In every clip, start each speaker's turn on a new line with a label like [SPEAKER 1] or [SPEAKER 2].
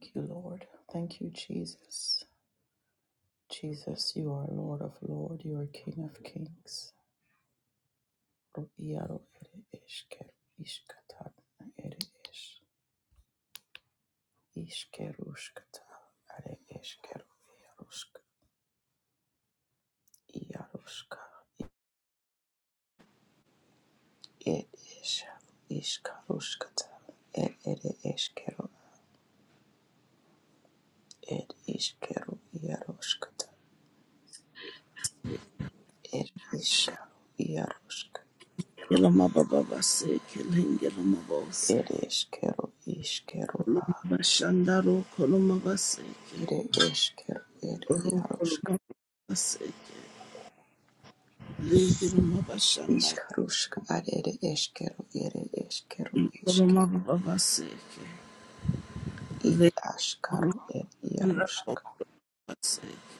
[SPEAKER 1] Thank you, Lord. Thank you, Jesus. Jesus, you are Lord of Lord. You are King of Kings. Ro- ere eshkeru ishkatan ere esh. Ishkerushkata are eshkeru iarushk. Iarushka ed esh. Ishkarushkata ed ere eshkeru ed ishkeru iarushkata ed ishkaru iarushk.
[SPEAKER 2] Ilama baba basi kilingi ilama bose.
[SPEAKER 1] Ed eshkeru ishkeru a
[SPEAKER 2] Ilama bashandaro koloma basi ke.
[SPEAKER 1] Ere eskero, ere
[SPEAKER 2] Ro
[SPEAKER 1] iarosk,
[SPEAKER 2] koloma basi ke. Lingi ilama bashandaro.
[SPEAKER 1] iskarusk, ad ere eskero, ere eskero,
[SPEAKER 2] Koloma
[SPEAKER 1] iske,
[SPEAKER 2] baba basi ke.
[SPEAKER 1] id
[SPEAKER 2] Lingi
[SPEAKER 1] askaro, ere
[SPEAKER 2] ilama baba
[SPEAKER 1] iarosk,
[SPEAKER 2] basi ke.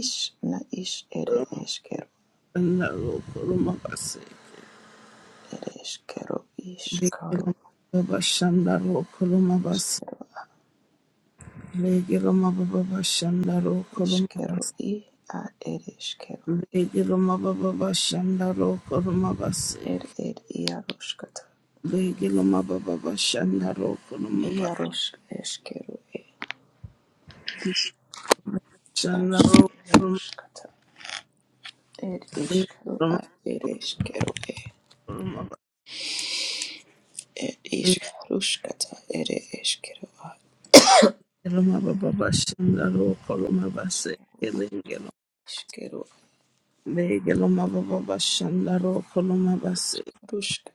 [SPEAKER 1] is, na is, ere eskero,
[SPEAKER 2] Bashandaro koloma basi.
[SPEAKER 1] ere eskero,
[SPEAKER 2] Lingi
[SPEAKER 1] iskaro,
[SPEAKER 2] ilama baba bashandaro koloma basi.
[SPEAKER 1] iskero,
[SPEAKER 2] Lingi ilama baba bashandaro koloma
[SPEAKER 1] iskero,
[SPEAKER 2] basi.
[SPEAKER 1] i, ad ere eskero,
[SPEAKER 2] Lingi ilama baba bashandaro koloma basi.
[SPEAKER 1] ere ere iaroskata,
[SPEAKER 2] Legiloma baba bashanda rokoloma
[SPEAKER 1] iarosk, eskero, e,
[SPEAKER 2] bakiloma shanda rokoloma
[SPEAKER 1] askaruskata, ere iskaro,
[SPEAKER 2] lekoloma
[SPEAKER 1] ad ere eskero, e,
[SPEAKER 2] koloma
[SPEAKER 1] ere iskaruskata, ere eskero,
[SPEAKER 2] lekoloma baba bashanda rokoloma base kelengelo
[SPEAKER 1] Iškėliau
[SPEAKER 2] legeloma baba bashanda rokoloma base
[SPEAKER 1] Aruška,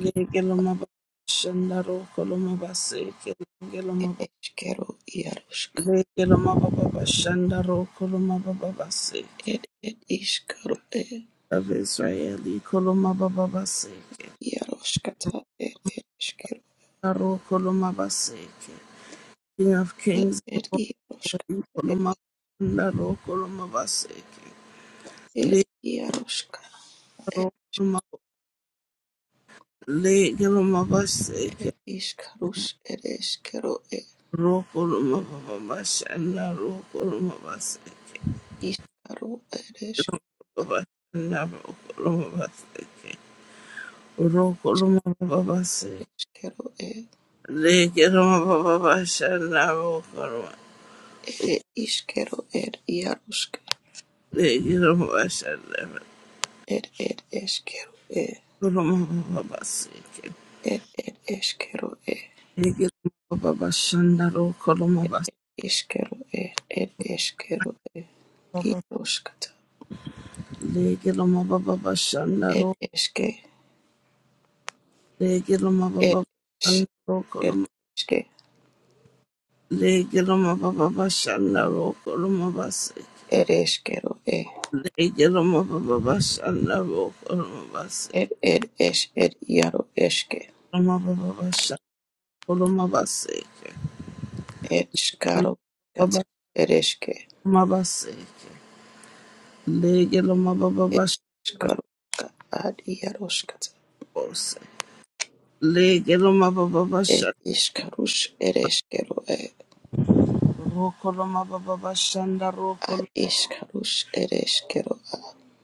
[SPEAKER 2] legeloma baba bashanda rokoloma base kelengeloma
[SPEAKER 1] Iškėliau Jaruška,
[SPEAKER 2] legeloma baba bashanda rokoloma baba base
[SPEAKER 1] ir ir Iškėliau ir
[SPEAKER 2] of Israeli koloma baba baseke
[SPEAKER 1] Jaruška, ir ir Iškėliau
[SPEAKER 2] rokoloma baseke King of
[SPEAKER 1] ir
[SPEAKER 2] Kings,
[SPEAKER 1] ir
[SPEAKER 2] Lord of
[SPEAKER 1] Jaruška,
[SPEAKER 2] Lords,
[SPEAKER 1] ir
[SPEAKER 2] Koloma Kunda Ro Koloma Vaseke,
[SPEAKER 1] ir
[SPEAKER 2] Le
[SPEAKER 1] Jaruška, ir
[SPEAKER 2] Ro Koloma Le Koloma
[SPEAKER 1] ir
[SPEAKER 2] Vaseke,
[SPEAKER 1] Iškėliau ir Iškėliau ir
[SPEAKER 2] Ro Koloma Vavashanda Ro Koloma Vaseke,
[SPEAKER 1] Iškėliau ir
[SPEAKER 2] Ro Koloma Vavashanda Ro Koloma Vaseke, Ro Koloma Vavaseke,
[SPEAKER 1] Iškėliau ir ir
[SPEAKER 2] Le Koloma Vavashanda Ro Koloma
[SPEAKER 1] Iškėliau ir Jaruška,
[SPEAKER 2] Le Koloma Vavashanda
[SPEAKER 1] ir ir Iškėliau ir
[SPEAKER 2] Koloma Vavaseke,
[SPEAKER 1] ir ir Iškėliau ir
[SPEAKER 2] Le Koloma Vavashanda Ro Koloma Vaseke.
[SPEAKER 1] Iškėliau ir ir Iškėliau ir Jaruška.
[SPEAKER 2] Legiloma baba
[SPEAKER 1] Ed
[SPEAKER 2] bashandaro,
[SPEAKER 1] eske,
[SPEAKER 2] legiloma
[SPEAKER 1] ed
[SPEAKER 2] baba
[SPEAKER 1] es,
[SPEAKER 2] bashandaro
[SPEAKER 1] ed
[SPEAKER 2] koloma,
[SPEAKER 1] eske,
[SPEAKER 2] legiloma baba bashandaro koloma base,
[SPEAKER 1] ed eskero e,
[SPEAKER 2] legiloma baba bashandaro koloma base,
[SPEAKER 1] ed ed es, ed iaro eske,
[SPEAKER 2] loma baba bashandaro base,
[SPEAKER 1] ed skaro katsa,
[SPEAKER 2] baba
[SPEAKER 1] ed eske,
[SPEAKER 2] loma base, legiloma baba
[SPEAKER 1] ed skaro ka, ad iaro skatsa,
[SPEAKER 2] bashandaro, legiloma baba
[SPEAKER 1] ed
[SPEAKER 2] bashandaro
[SPEAKER 1] iskarus, ed eskero e,
[SPEAKER 2] koloma baba bashandaro
[SPEAKER 1] ad
[SPEAKER 2] koloma,
[SPEAKER 1] iskarus, ed eskero a,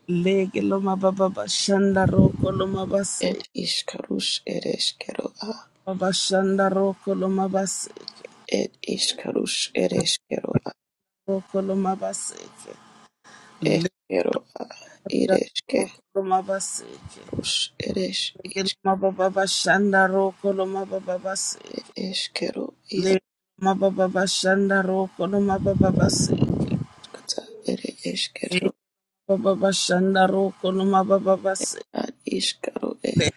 [SPEAKER 2] legiloma baba bashandaro koloma base.
[SPEAKER 1] ed iskarus, ed eskero a,
[SPEAKER 2] Mabashanda rokolo mabase
[SPEAKER 1] ed iskarus, ed eskero a,
[SPEAKER 2] rokolo mabaseke lebashanda
[SPEAKER 1] eskero a, id eske,
[SPEAKER 2] rokolo mabaseke
[SPEAKER 1] rus, ed es,
[SPEAKER 2] lekelo
[SPEAKER 1] isk,
[SPEAKER 2] mababa bashanda rokolo mababa baseke
[SPEAKER 1] ed
[SPEAKER 2] le mababa bashanda rokolo mababa baseke
[SPEAKER 1] Kata ere
[SPEAKER 2] le
[SPEAKER 1] eskero
[SPEAKER 2] mababa bashanda rokolo mababa baseke
[SPEAKER 1] ad iskaro e
[SPEAKER 2] le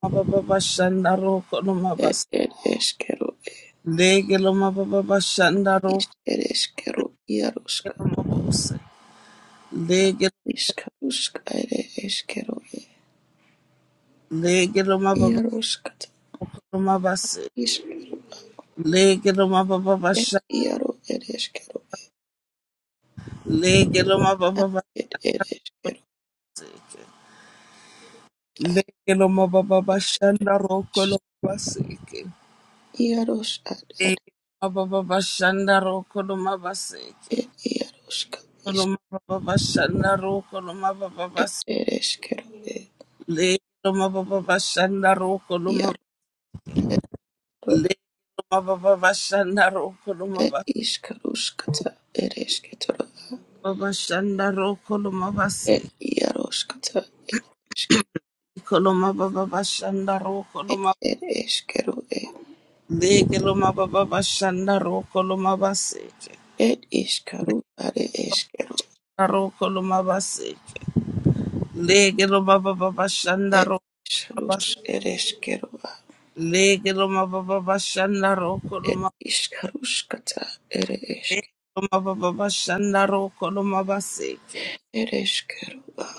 [SPEAKER 2] mababa bashanda rokolo
[SPEAKER 1] ed
[SPEAKER 2] mabase
[SPEAKER 1] ed eskero e
[SPEAKER 2] lekelo mababa bashanda
[SPEAKER 1] is
[SPEAKER 2] rokolo
[SPEAKER 1] ed eskero iaroska
[SPEAKER 2] mabose lege
[SPEAKER 1] iskaruska ere eskero e
[SPEAKER 2] lege lo mababa
[SPEAKER 1] iaroska
[SPEAKER 2] rokolo mabase.
[SPEAKER 1] is
[SPEAKER 2] Leke lo mababa
[SPEAKER 1] ed
[SPEAKER 2] basha.
[SPEAKER 1] iaro ed eskero
[SPEAKER 2] Leke lo mababa
[SPEAKER 1] ad
[SPEAKER 2] basha.
[SPEAKER 1] ed ed eskero
[SPEAKER 2] Leke lo mababa bashanda
[SPEAKER 1] is
[SPEAKER 2] roko lo mabaseke.
[SPEAKER 1] iaros ad ad
[SPEAKER 2] Leke lo mababa bashanda roko lo mabaseke.
[SPEAKER 1] ed e, iaroska is
[SPEAKER 2] Lo mababa bashanda roko lo mababa
[SPEAKER 1] ed
[SPEAKER 2] bas.
[SPEAKER 1] ed eskero e
[SPEAKER 2] Leke lo mababa bashanda roko lo mab.
[SPEAKER 1] iaro eskero
[SPEAKER 2] Leke lo mababa bashanda roko lo
[SPEAKER 1] ed
[SPEAKER 2] mababa
[SPEAKER 1] iskaruska ere eskero
[SPEAKER 2] bashanda roko lo
[SPEAKER 1] ed
[SPEAKER 2] mabaseke.
[SPEAKER 1] iaroska
[SPEAKER 2] Lo mababa bashanda roko lo
[SPEAKER 1] Ed
[SPEAKER 2] mab.
[SPEAKER 1] ed eskeru e.
[SPEAKER 2] Leke lo mababa bashanda roko lo mabaseke.
[SPEAKER 1] Ed iskaru are eskeru.
[SPEAKER 2] Roko loma base. Lege loma baba bashanda
[SPEAKER 1] Ed
[SPEAKER 2] roko
[SPEAKER 1] isrus
[SPEAKER 2] base.
[SPEAKER 1] ed eskeru a.
[SPEAKER 2] Lege loma baba bashanda roko
[SPEAKER 1] Ed
[SPEAKER 2] loma.
[SPEAKER 1] iskarus kata ere esk.
[SPEAKER 2] Lege loma baba bashanda roko loma baseke.
[SPEAKER 1] Ed eskeru a.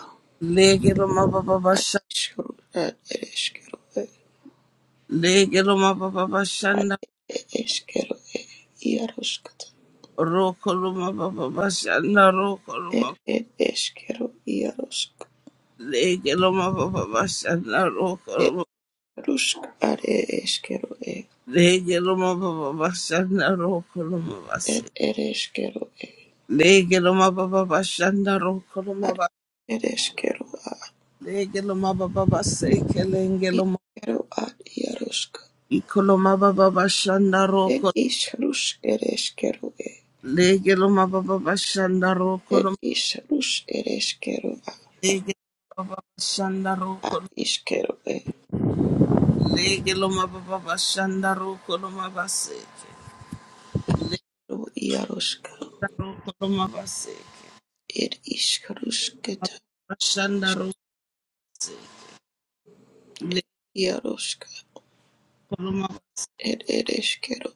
[SPEAKER 2] Lege loma baba
[SPEAKER 1] Ad
[SPEAKER 2] bashanda.
[SPEAKER 1] isru ad ed eskeru e.
[SPEAKER 2] Lege loma baba
[SPEAKER 1] Ad
[SPEAKER 2] bashanda
[SPEAKER 1] ed eskeru e. Iarus kata.
[SPEAKER 2] roko loma baba bashanda roko
[SPEAKER 1] Ed
[SPEAKER 2] loma.
[SPEAKER 1] ed eskeru iarus.
[SPEAKER 2] Lege loma baba bashanda roko
[SPEAKER 1] Ed
[SPEAKER 2] loma.
[SPEAKER 1] rusk are eskeru e.
[SPEAKER 2] Lege loma baba bashanda roko loma base.
[SPEAKER 1] Ed ed eskeru e.
[SPEAKER 2] Lege loma baba bashanda roko
[SPEAKER 1] Ad
[SPEAKER 2] loma
[SPEAKER 1] ed eskeru a.
[SPEAKER 2] Legelo mababa baseke lengelo
[SPEAKER 1] Iskeru ad iarus
[SPEAKER 2] ikolo mababa bashanda
[SPEAKER 1] Ed
[SPEAKER 2] roko
[SPEAKER 1] ish rush ereshkero e.
[SPEAKER 2] legelo mababa bashanda roko
[SPEAKER 1] Ed ish rush ereshkero a.
[SPEAKER 2] legelo mababa bashanda roko
[SPEAKER 1] Ad ishkero e.
[SPEAKER 2] legelo mababa bashanda roko lo mabaseke
[SPEAKER 1] Ro iaroshka.
[SPEAKER 2] legelo roko lo mabaseke
[SPEAKER 1] Ed ish rushketa.
[SPEAKER 2] mababa bashanda rose legelo
[SPEAKER 1] Iaroshka.
[SPEAKER 2] mababa
[SPEAKER 1] Ed ereskeru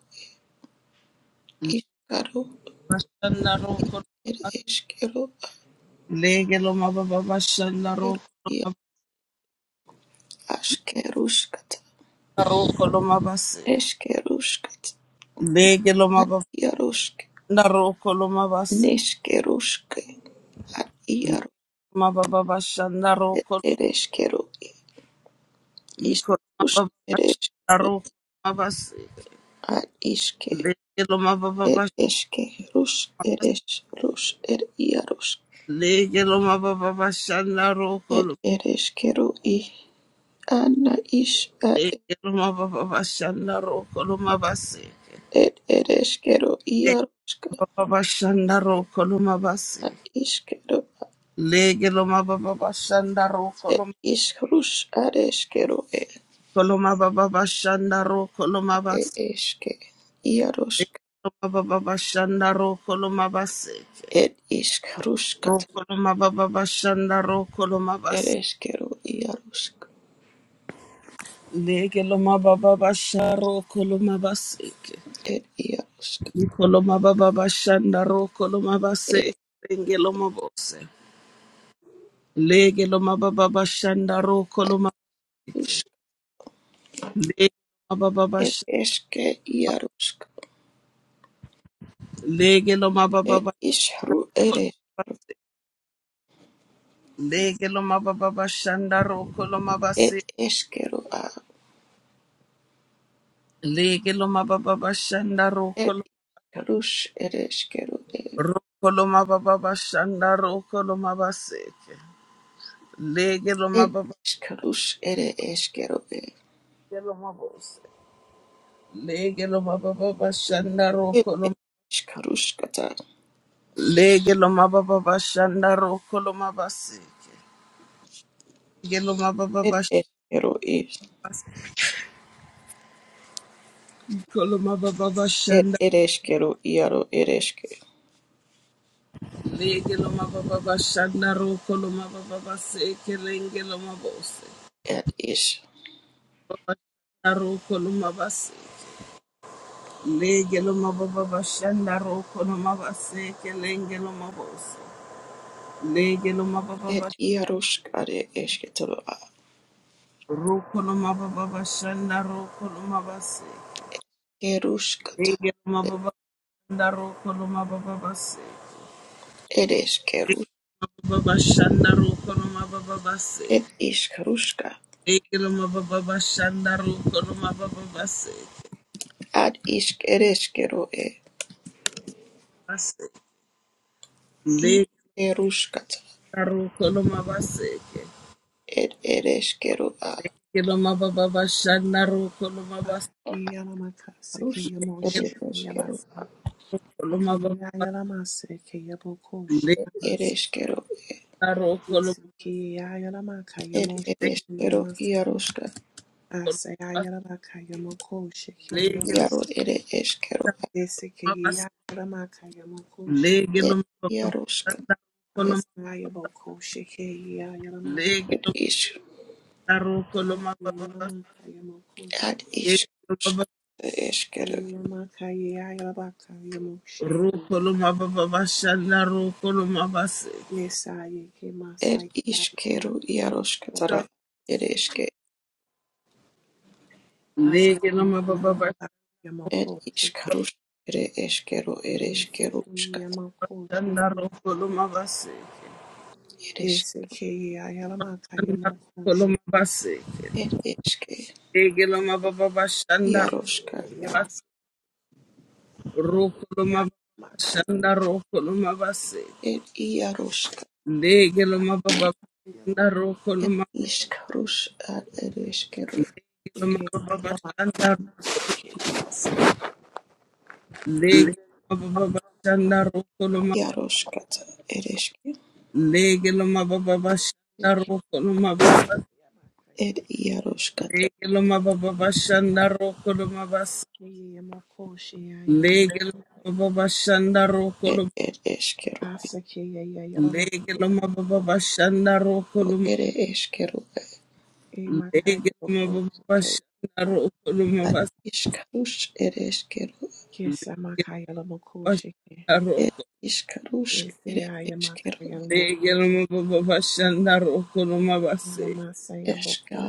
[SPEAKER 1] ishkaro.
[SPEAKER 2] bashanda
[SPEAKER 1] I
[SPEAKER 2] roko
[SPEAKER 1] ed eshkero a.
[SPEAKER 2] legelo mababa bashanda roko lo
[SPEAKER 1] Ia
[SPEAKER 2] mababa
[SPEAKER 1] ashkerushkata.
[SPEAKER 2] roko lo mabaseke
[SPEAKER 1] Eshkerushkata.
[SPEAKER 2] legelo
[SPEAKER 1] Ad
[SPEAKER 2] mababa
[SPEAKER 1] iaroshke.
[SPEAKER 2] bashanda roko lo mabaseke
[SPEAKER 1] Neshkerushke. Ad iaro.
[SPEAKER 2] Mababa
[SPEAKER 1] Ed
[SPEAKER 2] Shandaroko
[SPEAKER 1] ereshkero e. Ish
[SPEAKER 2] Iko
[SPEAKER 1] rush
[SPEAKER 2] Mababa
[SPEAKER 1] ereshkero
[SPEAKER 2] Shandaroko Mabas
[SPEAKER 1] a.
[SPEAKER 2] Legelo
[SPEAKER 1] Ed
[SPEAKER 2] Mababa
[SPEAKER 1] eskeros, eres ros, ed iaros,
[SPEAKER 2] Legelo Mababa
[SPEAKER 1] ed
[SPEAKER 2] Shandaroko
[SPEAKER 1] ereskero i anna is a
[SPEAKER 2] Legelo Mababa Shandaroko Mabas
[SPEAKER 1] ed ereskero iaroska
[SPEAKER 2] Mababa Shandaroko Mabas
[SPEAKER 1] a iskero a
[SPEAKER 2] Legelo Mababa Shandaroko
[SPEAKER 1] ed iskrus areskero ed
[SPEAKER 2] Mababa Shandaroko
[SPEAKER 1] e
[SPEAKER 2] Mabas
[SPEAKER 1] eske iarosk
[SPEAKER 2] Mababa Shandaroko Mabas
[SPEAKER 1] ed iskruskat
[SPEAKER 2] Roko Mababa Shandaroko Mabas
[SPEAKER 1] ereskero iarosk
[SPEAKER 2] Leke loma baba basha roko loma baseke.
[SPEAKER 1] ed iarosk
[SPEAKER 2] Iko loma baba bashanda roko loma
[SPEAKER 1] ed
[SPEAKER 2] baseke. Lenge loma bose. Lege loma baba bashanda roko
[SPEAKER 1] a
[SPEAKER 2] loma baseke.
[SPEAKER 1] usk
[SPEAKER 2] Lege loma baba
[SPEAKER 1] ed
[SPEAKER 2] basha.
[SPEAKER 1] eske iarosk
[SPEAKER 2] Lege loma baba
[SPEAKER 1] ed
[SPEAKER 2] basha
[SPEAKER 1] ishru
[SPEAKER 2] roko
[SPEAKER 1] eres
[SPEAKER 2] loma baseke. Lege loma baba bashanda roko loma
[SPEAKER 1] ed
[SPEAKER 2] baseke.
[SPEAKER 1] eskero
[SPEAKER 2] Lege loma baba bashanda roko loma
[SPEAKER 1] Et ishkarush ere eshkero e.
[SPEAKER 2] Roko loma baba bashanda roko loma baseke. Lege loma
[SPEAKER 1] Et
[SPEAKER 2] baba
[SPEAKER 1] ishkarush ere eshkero e.
[SPEAKER 2] lege loma bose. Lege lo mababa bashanda
[SPEAKER 1] Et
[SPEAKER 2] roko lo
[SPEAKER 1] et ishkarush kata.
[SPEAKER 2] Lege lo mababa bashanda roko lo mabaseke. Lege lo mababa
[SPEAKER 1] Et
[SPEAKER 2] bashiko
[SPEAKER 1] eshkero is.
[SPEAKER 2] lo mababa
[SPEAKER 1] Et
[SPEAKER 2] bashanda.
[SPEAKER 1] ere eshkero iaro ere eshke.
[SPEAKER 2] Lege lo mababa bashanda roko lo mababa baseke lenge lo mabose.
[SPEAKER 1] Et ish.
[SPEAKER 2] Bashanda roko lo mabase. Lege lo mababa bashanda roko lo mabaseke lenge lo mabose. Lege lo mababa
[SPEAKER 1] Et
[SPEAKER 2] bashanda
[SPEAKER 1] iarush kare eshketoro a.
[SPEAKER 2] roko lo mababa bashanda roko lo mabase.
[SPEAKER 1] Kerush kata.
[SPEAKER 2] Rege
[SPEAKER 1] Et
[SPEAKER 2] mababa ndaro kolo mababa base.
[SPEAKER 1] ere
[SPEAKER 2] Rege
[SPEAKER 1] eshkerush.
[SPEAKER 2] mababa shandaro kolo mababa base.
[SPEAKER 1] Et ishkarushka.
[SPEAKER 2] Rege mababa shandaro kolo mababa base.
[SPEAKER 1] Ad ishk ere eshkero e.
[SPEAKER 2] Base.
[SPEAKER 1] I
[SPEAKER 2] Rege
[SPEAKER 1] erush kata.
[SPEAKER 2] ndaro kolo mabase.
[SPEAKER 1] Et ere eshkero a.
[SPEAKER 2] Rege mababa shandaro kolo mabase.
[SPEAKER 3] Akayeyalamaka
[SPEAKER 1] Rush
[SPEAKER 2] Rege
[SPEAKER 3] sekeyamoshe
[SPEAKER 1] ere eshkero.
[SPEAKER 3] keyabasa.
[SPEAKER 2] kolo mababa base.
[SPEAKER 3] Okeyayalamase keyabokoshi
[SPEAKER 2] Rege
[SPEAKER 1] Ere
[SPEAKER 3] yamase.
[SPEAKER 1] eshkero
[SPEAKER 2] ndaro kolo mabase.
[SPEAKER 3] Keyayalamaka
[SPEAKER 1] Ed
[SPEAKER 3] yamoshe
[SPEAKER 1] ereshkigal
[SPEAKER 3] keyamasa.
[SPEAKER 1] iaroshka
[SPEAKER 2] Kolo mabase.
[SPEAKER 3] Aseyayalamaka yamokoshe
[SPEAKER 2] Rege ndaro
[SPEAKER 1] iaro
[SPEAKER 3] keyabasa.
[SPEAKER 1] ere eshkero
[SPEAKER 2] mabase.
[SPEAKER 3] Esekeyayalamaka yamokoshe.
[SPEAKER 2] Rege
[SPEAKER 1] ed
[SPEAKER 2] mababa
[SPEAKER 1] iaroshka
[SPEAKER 2] shandaro kolo
[SPEAKER 1] ed
[SPEAKER 3] Aseyabokoshe keyayalamaka.
[SPEAKER 1] ed
[SPEAKER 2] mabase.
[SPEAKER 1] ish
[SPEAKER 2] Rokoloma baba
[SPEAKER 3] Yayalamaka yamokoshe.
[SPEAKER 1] ad
[SPEAKER 2] basi,
[SPEAKER 1] ishk eshkero
[SPEAKER 3] Yayalamaka yayalamaka yamoshe.
[SPEAKER 2] rokoloma baba bashanda, rokoloma basi.
[SPEAKER 3] Nesaye
[SPEAKER 1] ed
[SPEAKER 3] kemasaya
[SPEAKER 1] ishkero
[SPEAKER 3] yayalamaka
[SPEAKER 1] iaroshka
[SPEAKER 3] yamokoshe.
[SPEAKER 1] tara ereshke
[SPEAKER 3] Yes,
[SPEAKER 2] Lege loma baba
[SPEAKER 1] ed ishkarosh ere eshkero ereshkeroshka
[SPEAKER 2] bashanda, rokoloma basi,
[SPEAKER 1] eresh
[SPEAKER 2] rokoloma basi.
[SPEAKER 1] ed eshke
[SPEAKER 2] Lege loma baba bashanda,
[SPEAKER 1] iaroshka
[SPEAKER 2] rokoloma bashanda, rokoloma basi.
[SPEAKER 1] ed iaroshka
[SPEAKER 2] Lege loma baba bashanda,
[SPEAKER 1] ed
[SPEAKER 2] rokoloma.
[SPEAKER 1] ishkarosh ad ereshkero
[SPEAKER 2] Lege loma baba bashanda,
[SPEAKER 1] iaroshka ereshke
[SPEAKER 2] Legiloma baba bashanda rokoloma bas.
[SPEAKER 1] ed iaroshka
[SPEAKER 2] Legiloma baba bashanda rokoloma bas. Legiloma baba bashanda
[SPEAKER 1] ed
[SPEAKER 2] rokoloma.
[SPEAKER 1] ed
[SPEAKER 2] Legiloma baba bashanda rokoloma.
[SPEAKER 1] ere eskero e,
[SPEAKER 2] Legiloma baba bashanda rokoloma
[SPEAKER 1] ad
[SPEAKER 2] bas.
[SPEAKER 1] iskarush ere eskero ed iskarush ere eskero
[SPEAKER 2] Legiloma bashanda rokoloma. Legiloma baba bashanda rokoloma bas.
[SPEAKER 1] eska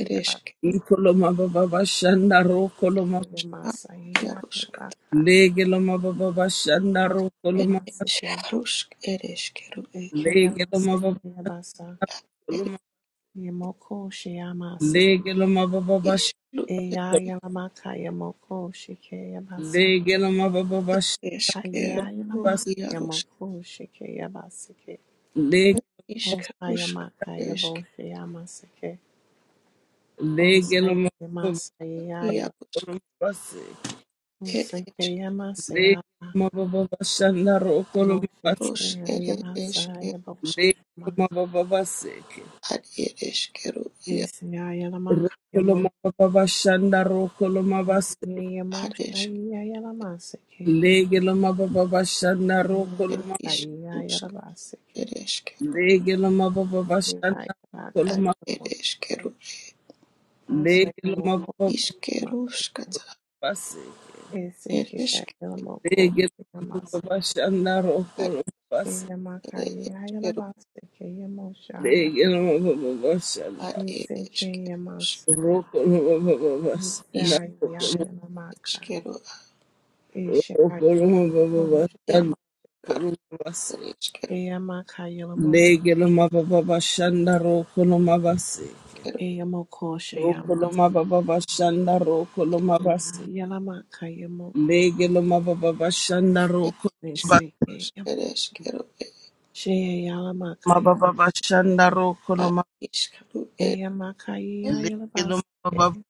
[SPEAKER 1] ere eskero
[SPEAKER 2] Ikoloma baba bashanda rokoloma.
[SPEAKER 1] ar
[SPEAKER 3] Ekeyamasaya
[SPEAKER 1] yarusk
[SPEAKER 3] yabaka
[SPEAKER 2] Legiloma baba bashanda
[SPEAKER 1] ed
[SPEAKER 2] rokoloma.
[SPEAKER 3] oshemaseke
[SPEAKER 1] iskarusk ere eskero
[SPEAKER 2] Legiloma
[SPEAKER 3] ekeyamasekeyabasa
[SPEAKER 1] ed
[SPEAKER 2] baba
[SPEAKER 3] yemoko sheyamase
[SPEAKER 2] Legeloma bababash,
[SPEAKER 1] iskru
[SPEAKER 3] eyayalamaka yemoko shekeyabasa
[SPEAKER 2] legeloma
[SPEAKER 1] ed
[SPEAKER 2] bababash,
[SPEAKER 1] eskero
[SPEAKER 2] bas,
[SPEAKER 3] ayayalamaka
[SPEAKER 1] yarusk
[SPEAKER 3] yemoko shekeyabaseke
[SPEAKER 2] leg,
[SPEAKER 1] ed iskarusk
[SPEAKER 3] osayamaka
[SPEAKER 1] ere
[SPEAKER 3] yebo
[SPEAKER 1] eskero
[SPEAKER 3] sheyamaseke
[SPEAKER 2] legeloma bababash,
[SPEAKER 3] osayamasayaya
[SPEAKER 1] ya
[SPEAKER 2] bas,
[SPEAKER 1] ed
[SPEAKER 3] osekeyamasaya
[SPEAKER 2] legeloma bababash, narokoloma bas,
[SPEAKER 1] eskeros ere
[SPEAKER 3] moshekeyabasa
[SPEAKER 1] eskeros
[SPEAKER 3] yeboko shema
[SPEAKER 2] legeloma bababash,
[SPEAKER 1] ad ere eskero ya
[SPEAKER 3] eseyayalamaka
[SPEAKER 2] rokoloma bababash, narokoloma bas,
[SPEAKER 1] ad esk
[SPEAKER 3] Nsiyamoshaiyayalamaseke,
[SPEAKER 2] legeloma bababash,
[SPEAKER 1] ed
[SPEAKER 2] narokoloma,
[SPEAKER 1] iskarusk
[SPEAKER 3] Nyamasaiyayalavaseke,
[SPEAKER 1] ere eskero
[SPEAKER 2] legeloma bababash, narokoloma,
[SPEAKER 1] ed
[SPEAKER 3] Ushiyayavakayamoshe,
[SPEAKER 1] eskero
[SPEAKER 2] legeloma
[SPEAKER 3] Osayamokomate,
[SPEAKER 1] Iskeruskata
[SPEAKER 2] bababash,
[SPEAKER 1] ed iskeru
[SPEAKER 3] Esekeyayalamoko,
[SPEAKER 2] legeloma
[SPEAKER 3] Yamaseke,
[SPEAKER 2] bababash,
[SPEAKER 1] ad
[SPEAKER 2] narokoloma
[SPEAKER 1] ed iskeru
[SPEAKER 3] Eyamakayayalavaseke, Yamoshaya,
[SPEAKER 2] Legelo Shandaro
[SPEAKER 1] ad ed iskerus
[SPEAKER 3] Esekeyamasai,
[SPEAKER 1] iskerus
[SPEAKER 3] Esayayalamaka,
[SPEAKER 1] iskeru
[SPEAKER 3] Eshayalamoshe,
[SPEAKER 1] ed
[SPEAKER 3] Yama-
[SPEAKER 1] garu ed iskeru
[SPEAKER 3] Eyamakayalamoko,
[SPEAKER 1] iskeru
[SPEAKER 3] Eyamokosheyama.
[SPEAKER 1] ed
[SPEAKER 3] Yalamakayamoko
[SPEAKER 1] ed iskerus
[SPEAKER 3] Neseke
[SPEAKER 1] ed iskeru ed
[SPEAKER 3] Shea Yalamakayamoko
[SPEAKER 1] ad iskeru ed ad
[SPEAKER 3] Eyamakaya Yalabaske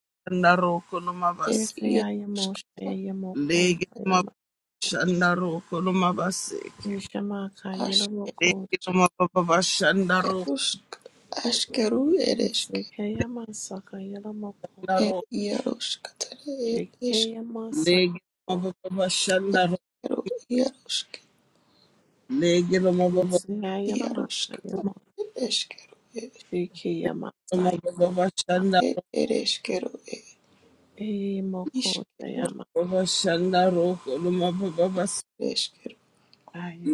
[SPEAKER 1] ed
[SPEAKER 3] Yesayamoshe
[SPEAKER 1] iaruskata
[SPEAKER 3] Yamoko Fayama
[SPEAKER 2] Kolomabase.
[SPEAKER 3] Nishamaka Yalamoko
[SPEAKER 2] Legi no mababa shandaro
[SPEAKER 1] askerusk askeru ed isk
[SPEAKER 3] Neseke Yamasaka Yalamoko
[SPEAKER 2] naro.
[SPEAKER 1] ed iaruskata ed
[SPEAKER 3] Sheke
[SPEAKER 1] isk
[SPEAKER 2] Legi no
[SPEAKER 3] Yamasako
[SPEAKER 2] mababa shandaro.
[SPEAKER 1] iskeru iarusk
[SPEAKER 2] Legi no mababa
[SPEAKER 1] iaruskata
[SPEAKER 3] Yesayalamakayamo
[SPEAKER 1] ed iskeru
[SPEAKER 3] Sheke
[SPEAKER 2] no
[SPEAKER 3] Yamasaiko
[SPEAKER 2] mababa
[SPEAKER 1] Ed
[SPEAKER 2] shandaro.
[SPEAKER 1] ereshkigal, ed
[SPEAKER 3] Eyamoko
[SPEAKER 1] ishkigal,
[SPEAKER 2] Baba shandaro no mababa.
[SPEAKER 1] ed ereshkigal,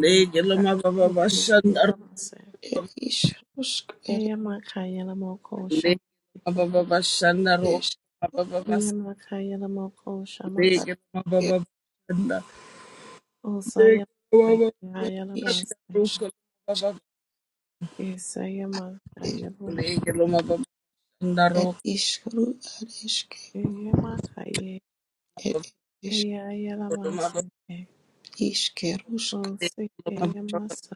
[SPEAKER 2] Legi no mababa shandaro.
[SPEAKER 3] Shayamasai
[SPEAKER 1] ed ishrusk, ed
[SPEAKER 3] Eyamakhayelamoko
[SPEAKER 2] Legi no
[SPEAKER 3] shamasike.
[SPEAKER 2] mababa shandaro.
[SPEAKER 1] ereshkigal,
[SPEAKER 2] Mababa.
[SPEAKER 3] Eyamakhayelamoko shamas.
[SPEAKER 1] ad
[SPEAKER 2] Legi no mababa shanda. Legi no mababa shandaro.
[SPEAKER 1] ishkigal, ed
[SPEAKER 3] Osayamakhayelabase.
[SPEAKER 1] ishrusk,
[SPEAKER 2] Mababa.
[SPEAKER 1] ad esh,
[SPEAKER 3] Esayamakhayeloshe.
[SPEAKER 2] Legi no mababa shandaro.
[SPEAKER 1] ed ishru, ad eshke,
[SPEAKER 3] Eyamakhaye.
[SPEAKER 1] ed eresh,
[SPEAKER 2] Mababa.
[SPEAKER 3] Eyayelamasike.
[SPEAKER 1] ishkerusk,
[SPEAKER 2] Legi no
[SPEAKER 3] Osikeyamasa.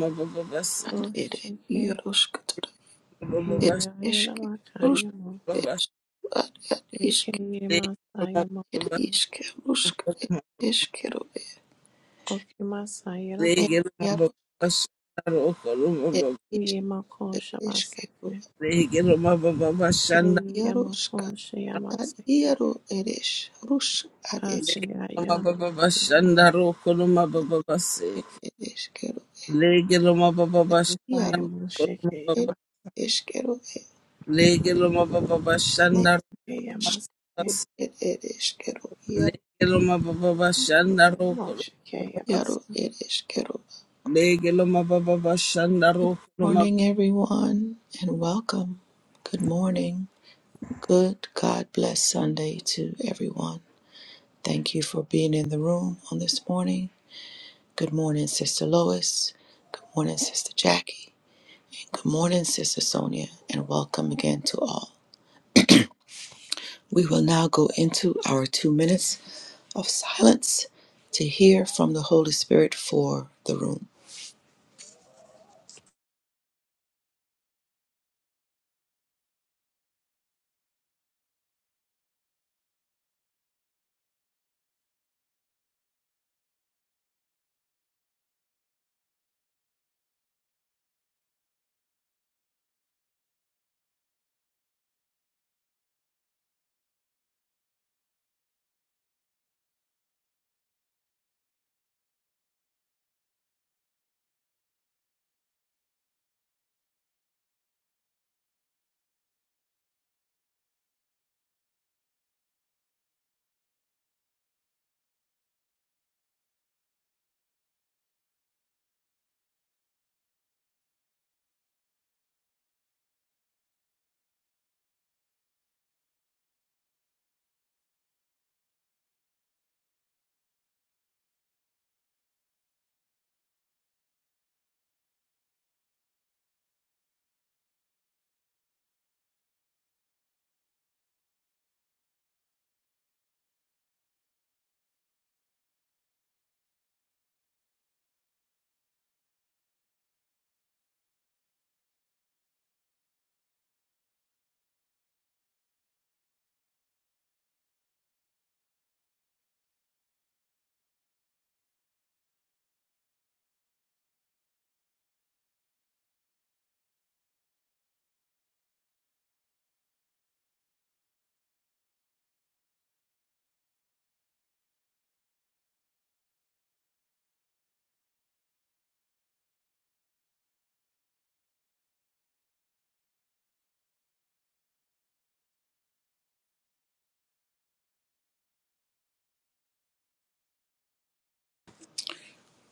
[SPEAKER 2] mababa shandaro. Mababa.
[SPEAKER 1] ad ere,
[SPEAKER 3] Oshike.
[SPEAKER 1] yerusk, tar,
[SPEAKER 2] Good morning,
[SPEAKER 1] ed eshke, rusk,
[SPEAKER 3] Eyayelamakhayelo.
[SPEAKER 1] ed esh, ad ad ishke, ed
[SPEAKER 3] Shikeyemasayamoshe.
[SPEAKER 1] ishkerusk, ed eshkeru,
[SPEAKER 3] Okimasayelabo.
[SPEAKER 1] ed yarusk, ed ish,
[SPEAKER 3] Eyamako
[SPEAKER 1] ed eshkeru,
[SPEAKER 3] shamasike.
[SPEAKER 1] ed
[SPEAKER 3] Eyamako
[SPEAKER 1] yarusk. Ad
[SPEAKER 3] shayamasike.
[SPEAKER 1] iaro eres, rus ad esquero,
[SPEAKER 3] Asaya yalama yamo
[SPEAKER 1] ed ad
[SPEAKER 3] ifaya
[SPEAKER 1] iaro,
[SPEAKER 3] mo sheke
[SPEAKER 1] ed
[SPEAKER 3] yaba
[SPEAKER 1] esquero, ed ne
[SPEAKER 3] okay yamasake
[SPEAKER 1] esquero, ed ed iaro,
[SPEAKER 3] yamo sheke
[SPEAKER 1] iaro,
[SPEAKER 3] yabas.
[SPEAKER 1] ed Good morning, everyone, and welcome. Good morning. Good God bless Sunday to everyone. Thank you for being in the room on this morning. Good morning, Sister Lois. Good morning, Sister Jackie. And good morning, Sister Sonia, and welcome again to all. We will now go into our two minutes of silence to hear from the Holy Spirit for the room.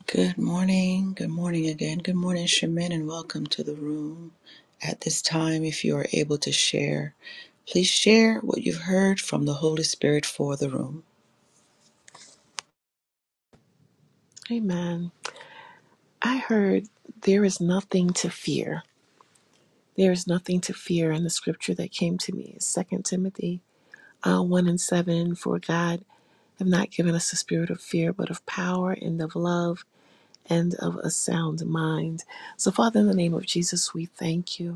[SPEAKER 1] Good morning. Good morning again. Good morning, Shemin, and welcome to the room. At this time, if you are able to share, please share what you've heard from the Holy Spirit for the room.
[SPEAKER 3] Amen. I heard there is nothing to fear. There is nothing to fear in the scripture that came to me. is Second Timothy uh, one and seven. For God have not given us a spirit of fear, but of power and of love and of a sound mind. So, Father, in the name of Jesus, we thank you.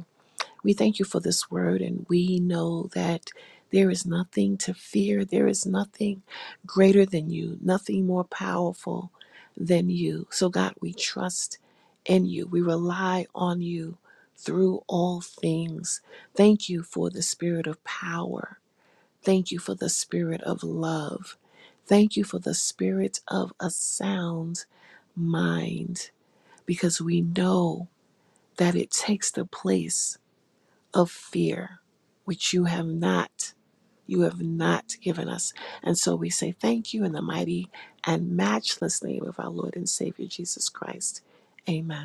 [SPEAKER 3] We thank you for this word, and we know that there is nothing to fear. There is nothing greater than you, nothing more powerful than you. So, God, we trust in you. We rely on you through all things. Thank you for the spirit of power. Thank you for the spirit of love. Thank you for the spirit of a sound mind, because we know that it takes the place of fear, which you have not, you have not given us. And so we say thank you in the mighty and matchless name of our Lord and Savior Jesus Christ. Amen.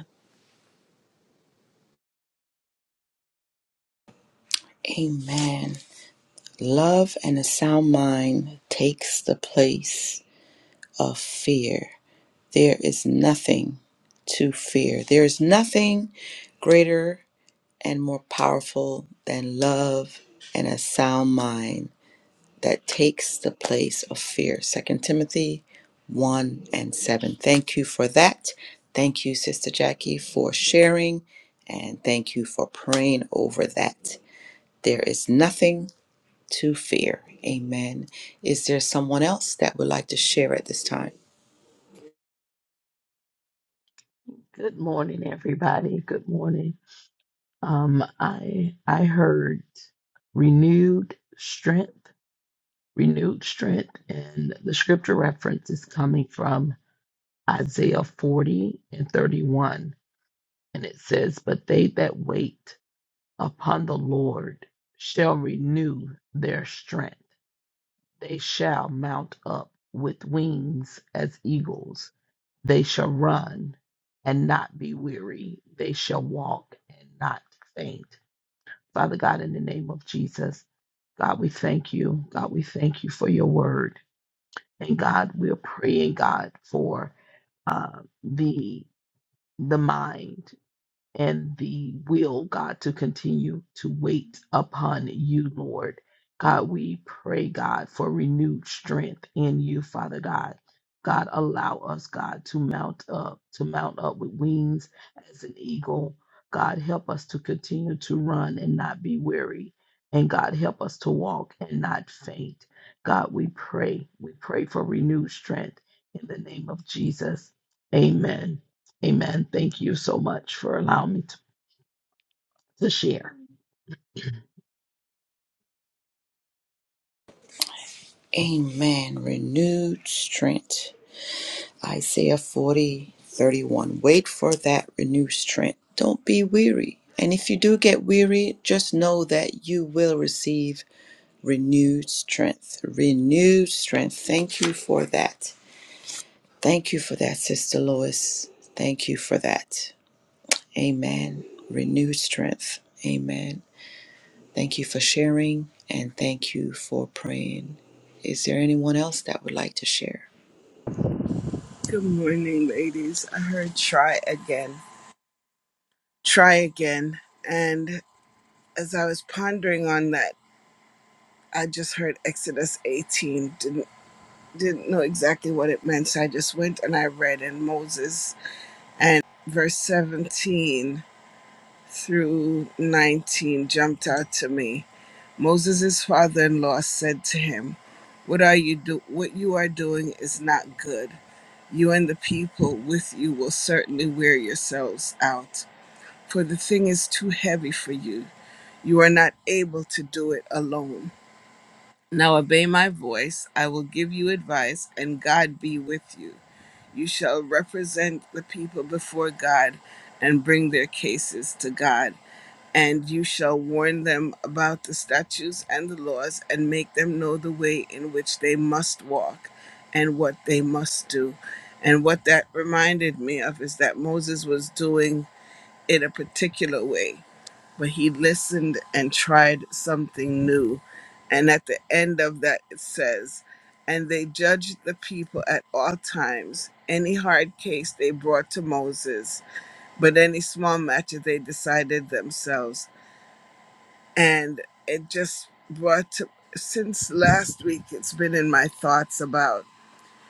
[SPEAKER 1] Amen. Love and a sound mind takes the place of fear. There is nothing to fear. There is nothing greater and more powerful than love and a sound mind that takes the place of fear. Second Timothy 1 and 7. Thank you for that. Thank you, Sister Jackie, for sharing, and thank you for praying over that. There is nothing to fear. Amen. Is there someone else that would like to share at this time?
[SPEAKER 4] Good morning, everybody. Good morning. Um, I I heard renewed strength, renewed strength, and the scripture reference is coming from Isaiah 40 and 31, and it says, "But they that wait upon the Lord shall renew their strength; they shall mount up with wings as eagles." They shall run and not be weary. They shall walk and not faint. Father God, in the name of Jesus, God, we thank you. God, we thank you for your word. And God, we're praying, God, for uh, the the mind and the will, God, to continue to wait upon you, Lord. God, we pray, God, for renewed strength in you, Father God. God, allow us, God, to mount up, to mount up with wings as an eagle. God, help us to continue to run and not be weary. And God, help us to walk and not faint. God, we pray. We pray for renewed strength in the name of Jesus. Amen. Amen. Thank you so much for allowing me to, to share.
[SPEAKER 1] Amen. Renewed strength. Isaiah 40:31. Wait for that renewed strength. Don't be weary. And if you do get weary, just know that you will receive renewed strength. Renewed strength. Thank you for that. Thank you for that, Sister Lois. Thank you for that. Amen. Renewed strength. Amen. Thank you for sharing and thank you for praying. Is there anyone else that would like to share?
[SPEAKER 2] ladies. I heard try again. Try again. And as I was pondering on that, I just heard Exodus 18. Didn't didn't know exactly what it meant, so I just went and I read in Moses and verse 17 through 19 jumped out to me. Moses' father-in-law said to him, "What are you do? What you are doing is not good. You and the people with you will certainly wear yourselves out, for the thing is too heavy for you. You are not able to do it alone." Now obey my voice. I will give you advice, and God be with you. You shall represent the people before God and bring their cases to God. And you shall warn them about the statutes and the laws and make them know the way in which they must walk and what they must do. And what that reminded me of is that Moses was doing it a particular way but he listened and tried something new. And at the end of that, it says, And they judged the people at all times. Any hard case they brought to Moses, but any small matter they decided themselves. And it just brought to, since last week, it's been in my thoughts about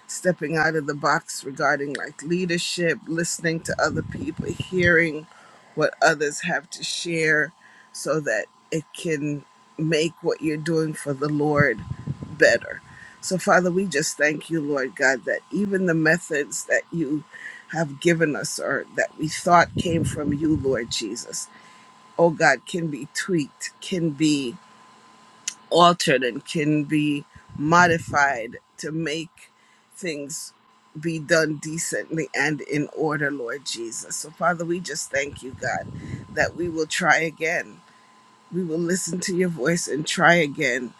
[SPEAKER 2] stepping out of the box regarding like leadership, listening to other people, hearing what others have to share so that it can make what you're doing for the Lord better. So, Father, we just thank you, Lord God, that even the methods that you have given us or that we thought came from you, Lord Jesus, oh God, can be tweaked, can be altered and can be modified to make things be done decently and in order, Lord Jesus. So, Father, we just thank you, God, that we will try again. We will listen to your voice and try again.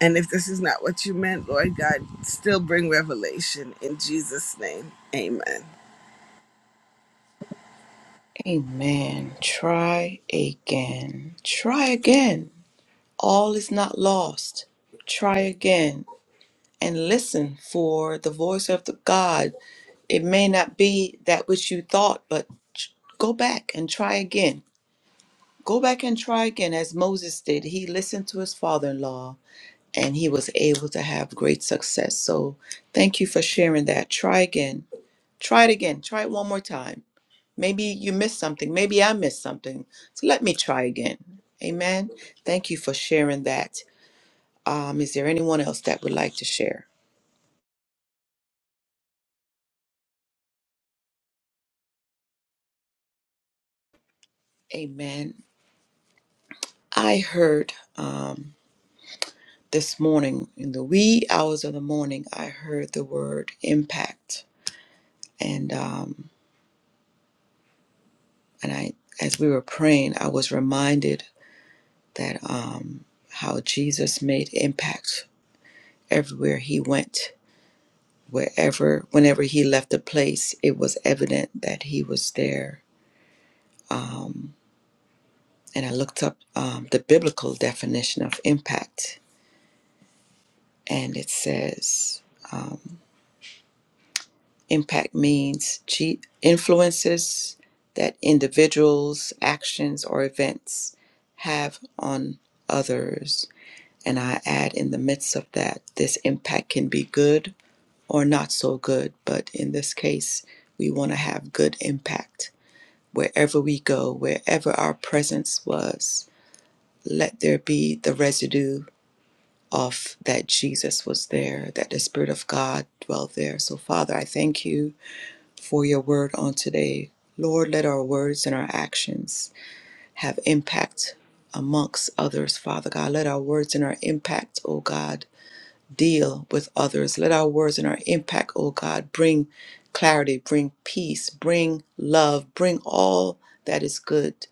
[SPEAKER 2] And if this is not what you meant, Lord God, still bring revelation in Jesus' name. Amen.
[SPEAKER 1] Amen. Try again. Try again. All is not lost. Try again and listen for the voice of the God. It may not be that which you thought, but ch- go back and try again. Go back and try again as Moses did. He listened to his father in law and he was able to have great success. So thank you for sharing that. Try again Try it again. Try it one more time. Maybe you missed something. Maybe I missed something. So let me try again. Amen. Thank you for sharing that. Um, is there anyone else that would like to share? Amen. I heard um, this morning, in the wee hours of the morning, I heard the word impact. And, um, and I, as we were praying, I was reminded that um, how Jesus made impact everywhere he went wherever whenever he left a place it was evident that he was there and i looked up um, the biblical definition of impact and it says um, impact means ge- influences that individuals actions or events have on others and i add in the midst of that this impact can be good or not so good but in this case we want to have good impact wherever we go, wherever our presence was, let there be the residue of that Jesus was there, that the Spirit of God dwelt there. So, Father, I thank you for your word on today. Lord, let our words and our actions have impact amongst others, Father God. Let our words and our impact, oh God, deal with others. Let our words and our impact, oh God, bring clarity, bring peace, bring love, bring all that is good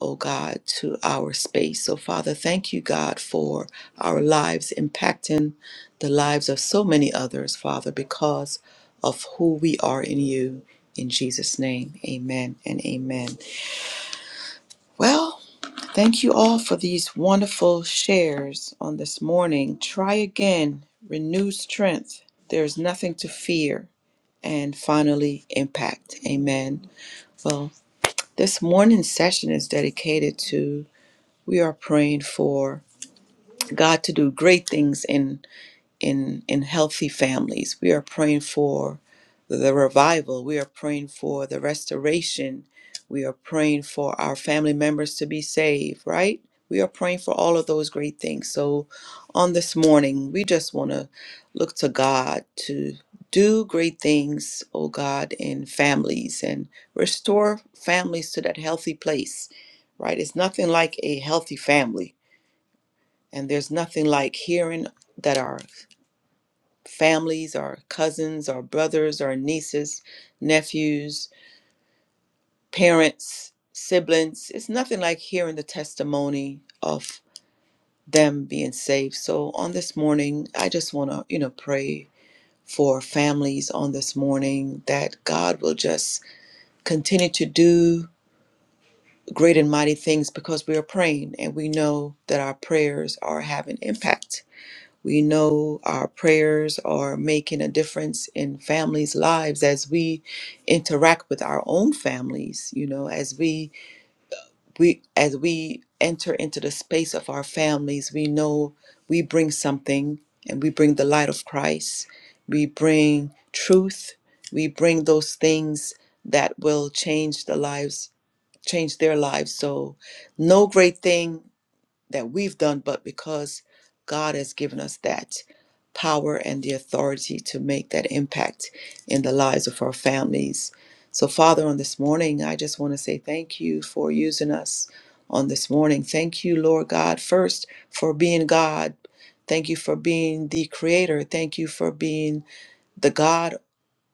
[SPEAKER 1] oh God, to our space. So, Father, thank you, God, for our lives impacting the lives of so many others, Father, because of who we are in you. In Jesus' name, amen and amen. Well, thank you all for these wonderful shares on this morning. Try again, renew strength. There's nothing to fear. And finally, impact. Amen. Well, this morning's session is dedicated to we are praying for God to do great things in in in healthy families. We are praying for the revival. We are praying for the restoration. We are praying for our family members to be saved, right? We are praying for all of those great things. So on this morning, we just want to look to God to do great things, oh God, in families and restore families to that healthy place, right? It's nothing like a healthy family and there's nothing like hearing that our families, our cousins, our brothers, our nieces, nephews, parents, siblings, it's nothing like hearing the testimony of them being saved. So on this morning, I just want to, you know, pray for families on this morning that God will just continue to do great and mighty things because we are praying and we know that our prayers are having impact We know our prayers are making a difference in families' lives as we interact with our own families, you know, as we we as we enter into the space of our families, we know we bring something and we bring the light of Christ. We bring truth. We bring those things that will change the lives, change their lives. So no great thing that we've done, but because God has given us that power and the authority to make that impact in the lives of our families. So, Father, on this morning, I just want to say thank you for using us on this morning. Thank you, Lord God, first for being God. Thank you for being the creator. Thank you for being the God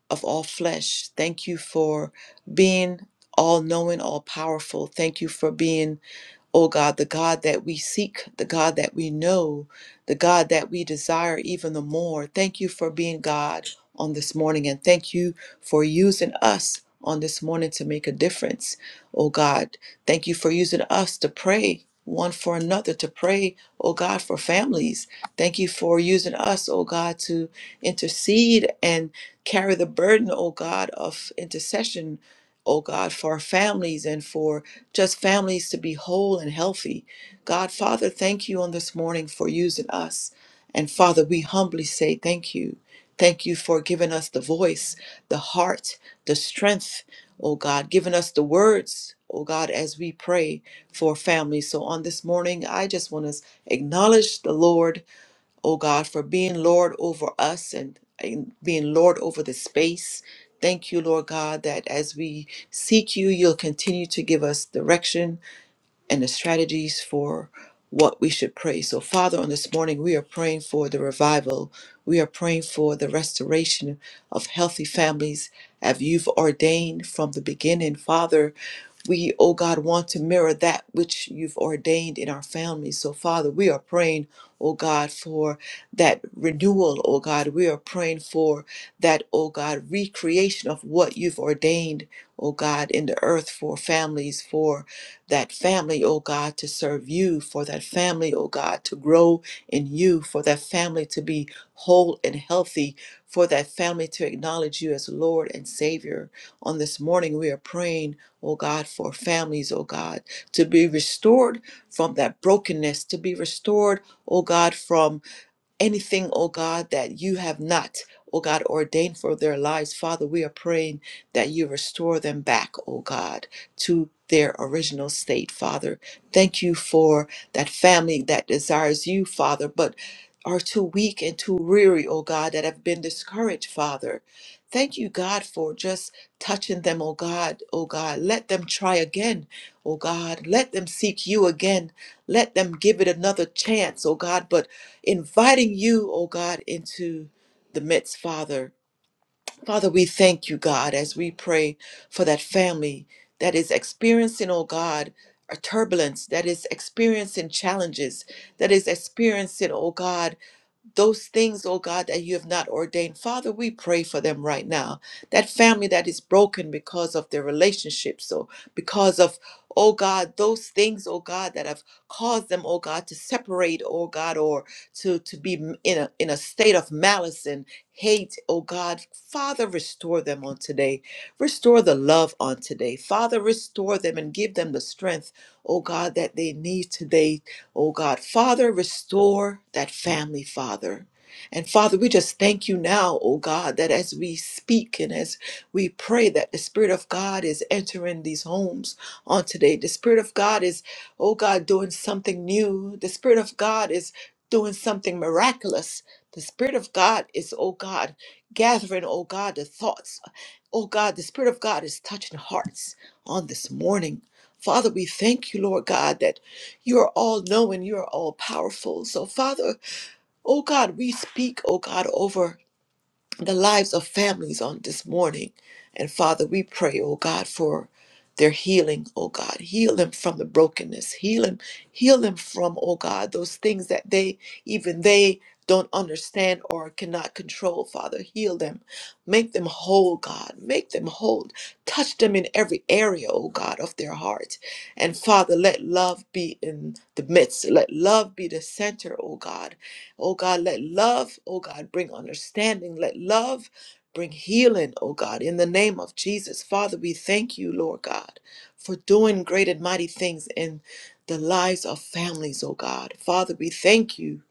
[SPEAKER 1] of all flesh. Thank you for being all knowing, all powerful. Thank you for being O God, the God that we seek, the God that we know, the God that we desire even the more. Thank you for being God on this morning and thank you for using us on this morning to make a difference. O God, thank you for using us to pray one for another, to pray, O God, for families. Thank you for using us, O God, to intercede and carry the burden, O God, of intercession, O God, for our families and for just families to be whole and healthy. God, Father, thank you on this morning for using us. And Father, we humbly say thank you. Thank you for giving us the voice, the heart, the strength, oh God, giving us the words, oh God, as we pray for families. So on this morning, I just want to acknowledge the Lord oh God, for being Lord over us and, and being Lord over the space. Thank you, Lord God, that as we seek you, you'll continue to give us direction and the strategies for what we should pray. So, Father, on this morning, we are praying for the revival. We are praying for the restoration of healthy families as you've ordained from the beginning. Father, we, oh God, want to mirror that which you've ordained in our families. So, Father, we are praying, oh God, for that renewal, oh God. We are praying for that, oh God, recreation of what you've ordained, oh God, in the earth for families, for that family, oh God, to serve you, for that family, oh God, to grow in you, for that family to be whole and healthy, for that family to acknowledge you as Lord and Savior. On this morning, we are praying, oh God, for families, oh God, to be restored from that brokenness, to be restored, oh God, from anything, oh God, that you have not, oh God, ordained for their lives. Father, we are praying that you restore them back, oh God, to their original state, Father. Thank you for that family that desires you, Father, but are too weak and too weary, oh God, that have been discouraged, Father. Thank you, God, for just touching them, oh God, oh God. Let them try again, oh God. Let them seek you again. Let them give it another chance, oh God. But inviting you, oh God, into the midst, Father. Father, we thank you, God, as we pray for that family that is experiencing, oh God, a turbulence, that is experiencing challenges, that is experiencing, oh God, those things, oh God, that you have not ordained. Father, we pray for them right now. That family that is broken because of their relationships, so because of, oh God, those things, oh God, that have caused them, oh God, to separate, oh God, or to to be m- in a in a state of malice and hate, oh God. Father, restore them on today. Restore the love on today. Father, restore them and give them the strength, oh God, that they need today Oh God, Father, restore that family, Father. And Father, we just thank you now, oh God, that as we speak and as we pray that the Spirit of God is entering these homes on today. The Spirit of God is, oh God, doing something new. The Spirit of God is doing something miraculous. The Spirit of God is, oh God, gathering, oh God, the thoughts. Oh God, the Spirit of God is touching hearts on this morning. Father, we thank you, Lord God, that you are all knowing, you are all powerful. So, Father, oh God, we speak, oh God, over the lives of families on this morning. And Father, we pray, oh God, for their healing, oh God. Heal them from the brokenness. Heal them, heal them from, oh God, those things that they even they don't understand or cannot control, Father. Heal them. Make them whole, God. Make them whole. Touch them in every area, oh God, of their heart. And Father, let love be in the midst. Let love be the center, oh God Oh God, let love, oh God, bring understanding. Let love bring healing, oh God, in the name of Jesus. Father, we thank you, Lord God, for doing great and mighty things in the lives of families, oh God. Father, we thank you.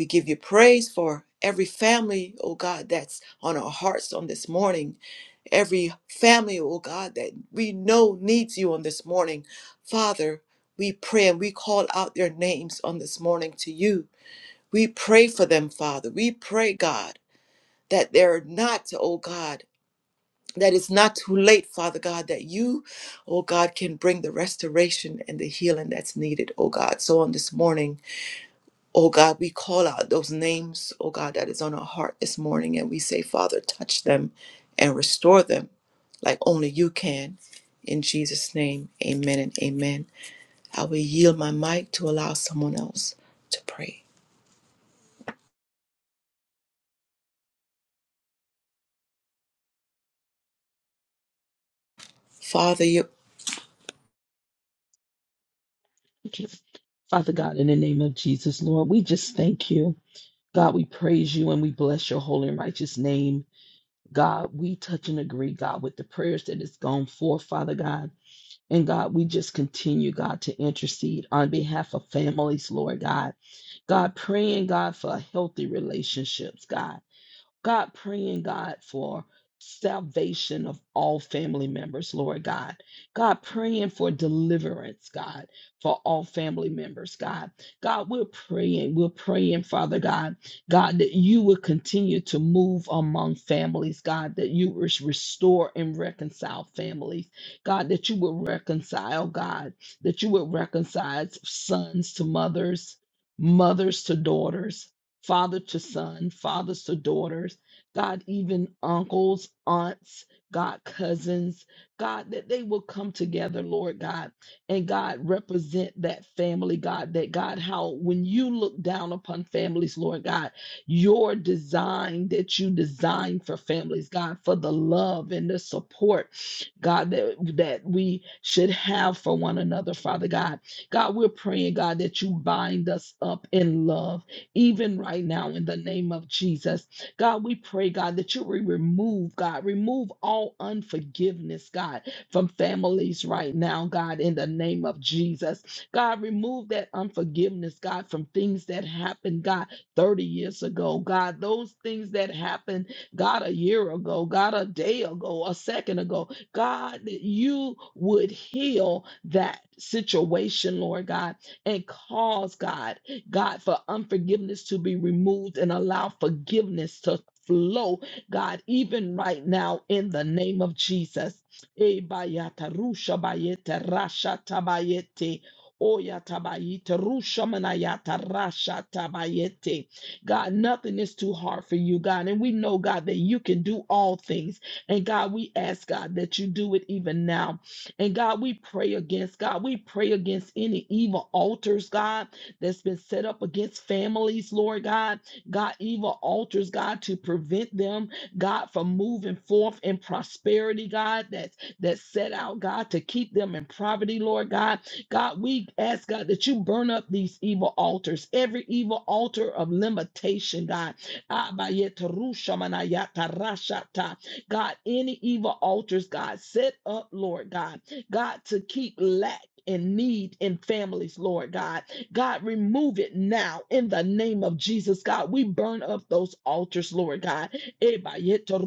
[SPEAKER 1] We give you praise for every family, oh God, that's on our hearts on this morning every family, oh God, that we know needs you on this morning. Father, we pray and we call out their names on this morning to you. We pray for them, Father. We pray, God, that they're not, oh God, that it's not too late, Father God, that you, oh God, can bring the restoration and the healing that's needed, oh God. So on this morning, oh God, we call out those names, oh God, that is on our heart this morning, and we say, Father, touch them and restore them like only you can. In Jesus' name, amen and amen. I will yield my mic to allow someone else to pray. Father,
[SPEAKER 4] Okay. Father God, in the name of Jesus, Lord, we just thank you. God, we praise you and we bless your holy and righteous name. God, we touch and agree, God, with the prayers that has gone forth, Father God. And God, we just continue, God, to intercede on behalf of families, Lord God. God, praying, God, for healthy relationships, God. God, praying, God, for salvation of all family members, Lord God. God, praying for deliverance, God, for all family members, God. God, we're praying, we're praying, Father God, God, that you would continue to move among families, God, that you would restore and reconcile families, God, that you would reconcile, God, that you would reconcile sons to mothers, mothers to daughters, father to son, fathers to daughters, God, even uncles, aunts, God, cousins, God, that they will come together, Lord God, and God, represent that family, God, that God, how when you look down upon families, Lord God, your design that you design for families, God, for the love and the support, God, that, that we should have for one another, Father God. God, we're praying, God, that you bind us up in love even right now in the name of Jesus. God, we pray, God, that you will remove, God, remove all unforgiveness, God, from families right now, God, in the name of Jesus. God, remove that unforgiveness, God, from things that happened, God, 30 years ago, God, those things that happened, God, a year ago, God, a day ago, a second ago, God, that you would heal that situation, Lord God, and cause, God, God, for unforgiveness to be removed and allow forgiveness to flow, God, even right now in the name of Jesus. Eh, bayata, rusha, bayete, rasha, tabayete. Oya tabayite, rusha manayata, rasha tabayete. God, nothing is too hard for you, God. And we know, God, that you can do all things. And God, we ask, God, that you do it even now. And God, we pray against, God, we pray against any evil altars, God that's been set up against families, Lord God. God, evil altars, God, to prevent them, God, from moving forth in prosperity, God, that's that's set out, God, to keep them in poverty, Lord God. God, we ask God that you burn up these evil altars, every evil altar of limitation, God. Abayetarushamanayatarashata. God, any evil altars, God, set up, Lord God, God, to keep lack and need in families, Lord God. God, remove it now in the name of Jesus, God. We burn up those altars, Lord God. Eba yeto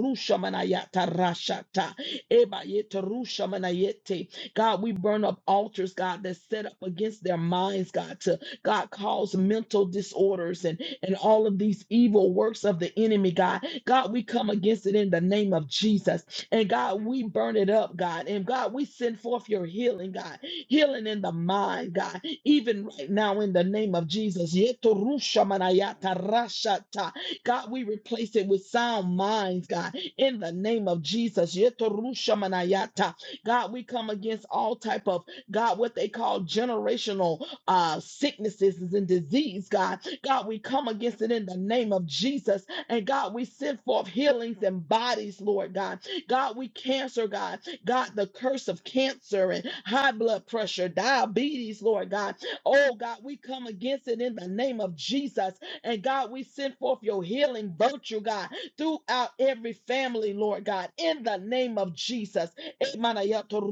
[SPEAKER 4] God, we burn up altars, God, that's set up against their minds, God, to God cause mental disorders and, and all of these evil works of the enemy, God. God, we come against it in the name of Jesus. And God, we burn it up, God. And God, we send forth your healing, God healing in the mind, God, even right now in the name of Jesus. Yetorushamanayata-rashata. God, we replace it with sound minds, God, in the name of Jesus. Yetorushamanayata. God, we come against all type of God, what they call generational uh, sicknesses and disease, God. God, we come against it in the name of Jesus. And God, we send forth healings and bodies, Lord God. God, we cancer, God. God, the curse of cancer and high blood pressure, diabetes, Lord God. Oh, God, we come against it in the name of Jesus. And God, we send forth your healing virtue, God, throughout every family, Lord God, in the name of Jesus. Emanayato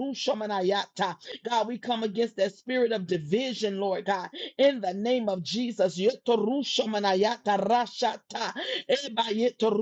[SPEAKER 4] God, we come against that spirit of division, Lord God, in the name of Jesus. Yoto rashata. Ebayeto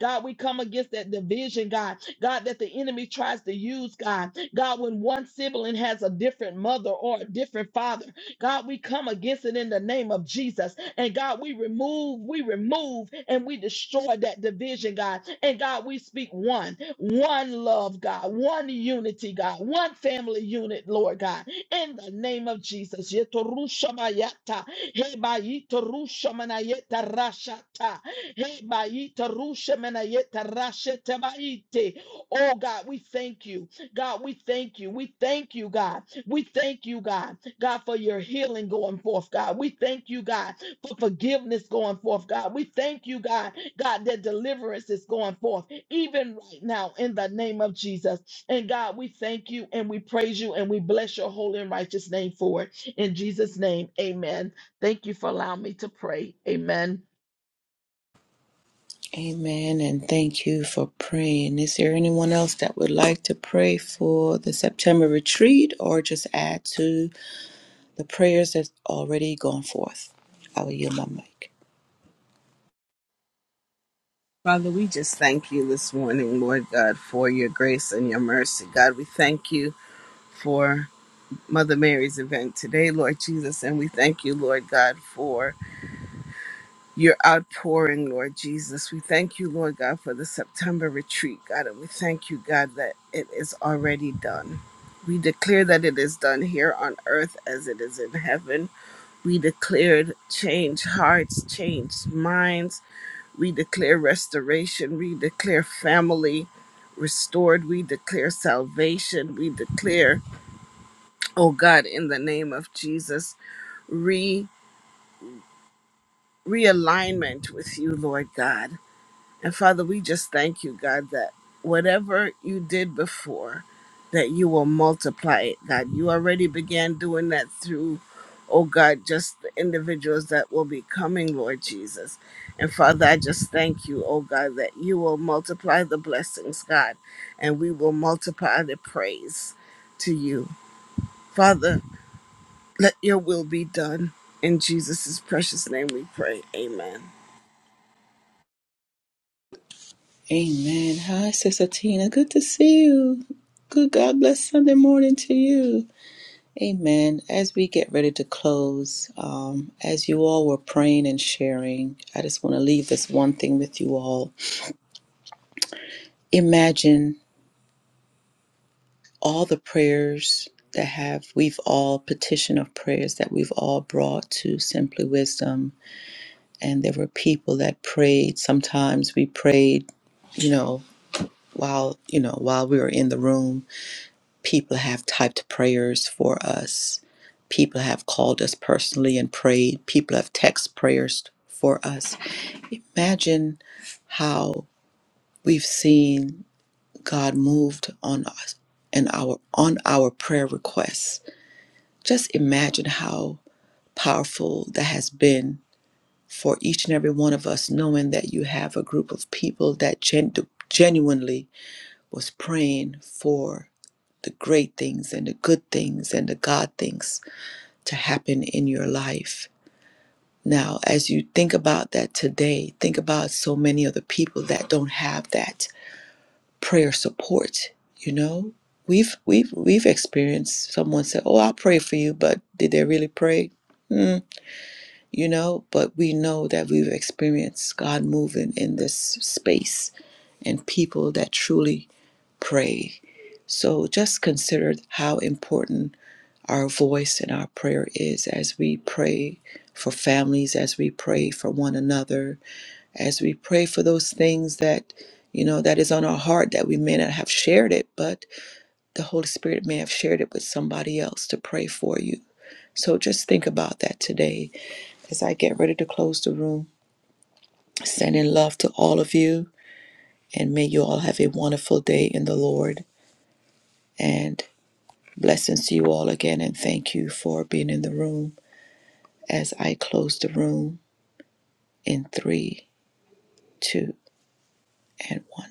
[SPEAKER 4] God, we come against that division, God, God, that the enemy tries to use, God. God, when one sibling has a different mother or a different father, God, we come against it in the name of Jesus. And God, we remove, we remove, and we destroy that division, God. And God, we speak one, one love, God, one unity, God, one family unit, Lord God, in the name of Jesus. Yetorushamayata, hebayitorushamanayetarashata, hebayitorushamanayetarashetebaite. Oh God, we thank you. God, we thank you. We thank you, God. We thank you, God. God, for your healing going forth, God. We thank you, God, for forgiveness going forth, God. We thank you, God, God, that deliverance is going forth, even right now, in the name of Jesus. And God, we thank you and we praise you and we bless your holy and righteous name for it. In Jesus' name, amen. Thank you for allowing me to pray. Amen.
[SPEAKER 1] Amen. And thank you for praying. Is there anyone else that would like to pray for the September retreat or just add to the prayers that's already gone forth? I will yield my mic.
[SPEAKER 2] Father, we just thank you this morning, Lord God, for your grace and your mercy. God, we thank you for Mother Mary's event today, Lord Jesus. And we thank you, Lord God, for your outpouring, Lord Jesus. We thank you, Lord God, for the September retreat, God. And we thank you, God, that it is already done. We declare that it is done here on earth as it is in heaven. We declared change hearts, change minds. We declare restoration. We declare family restored. We declare salvation. We declare, oh God, in the name of Jesus re realignment with you, Lord God. And Father, we just thank you, God, that whatever you did before, that you will multiply it, God. You already began doing that through, oh God, just the individuals that will be coming, Lord Jesus. And Father, I just thank you, oh God, that you will multiply the blessings, God, and we will multiply the praise to you. Father, let your will be done. In Jesus' precious name we pray. Amen.
[SPEAKER 1] Amen. Hi, Sister Tina. Good to see you. Good God bless Sunday morning to you. Amen. As we get ready to close, um, as you all were praying and sharing, I just want to leave this one thing with you all. Imagine all the prayers that have we've all petition of prayers that we've all brought to simply wisdom and there were people that prayed sometimes we prayed you know while you know while we were in the room people have typed prayers for us people have called us personally and prayed people have text prayers for us imagine how we've seen god moved on us and our on our prayer requests Just imagine how powerful that has been for each and every one of us, knowing that you have a group of people that gen- genuinely was praying for the great things and the good things and the God things to happen in your life. Now, as you think about that today, think about so many of the people that don't have that prayer support, you know? We've, we've we've experienced someone say, "Oh, I'll pray for you," but did they really pray? Hmm. you know, but we know that we've experienced God moving in this space and people that truly pray. So just consider how important our voice and our prayer is as we pray for families, as we pray for one another, as we pray for those things that you know that is on our heart that we may not have shared it, but the Holy Spirit may have shared it with somebody else to pray for you. So just think about that today as I get ready to close the room. Sending love to all of you, and may you all have a wonderful day in the Lord. And blessings to you all again, and thank you for being in the room as I close the room in three, two, and one.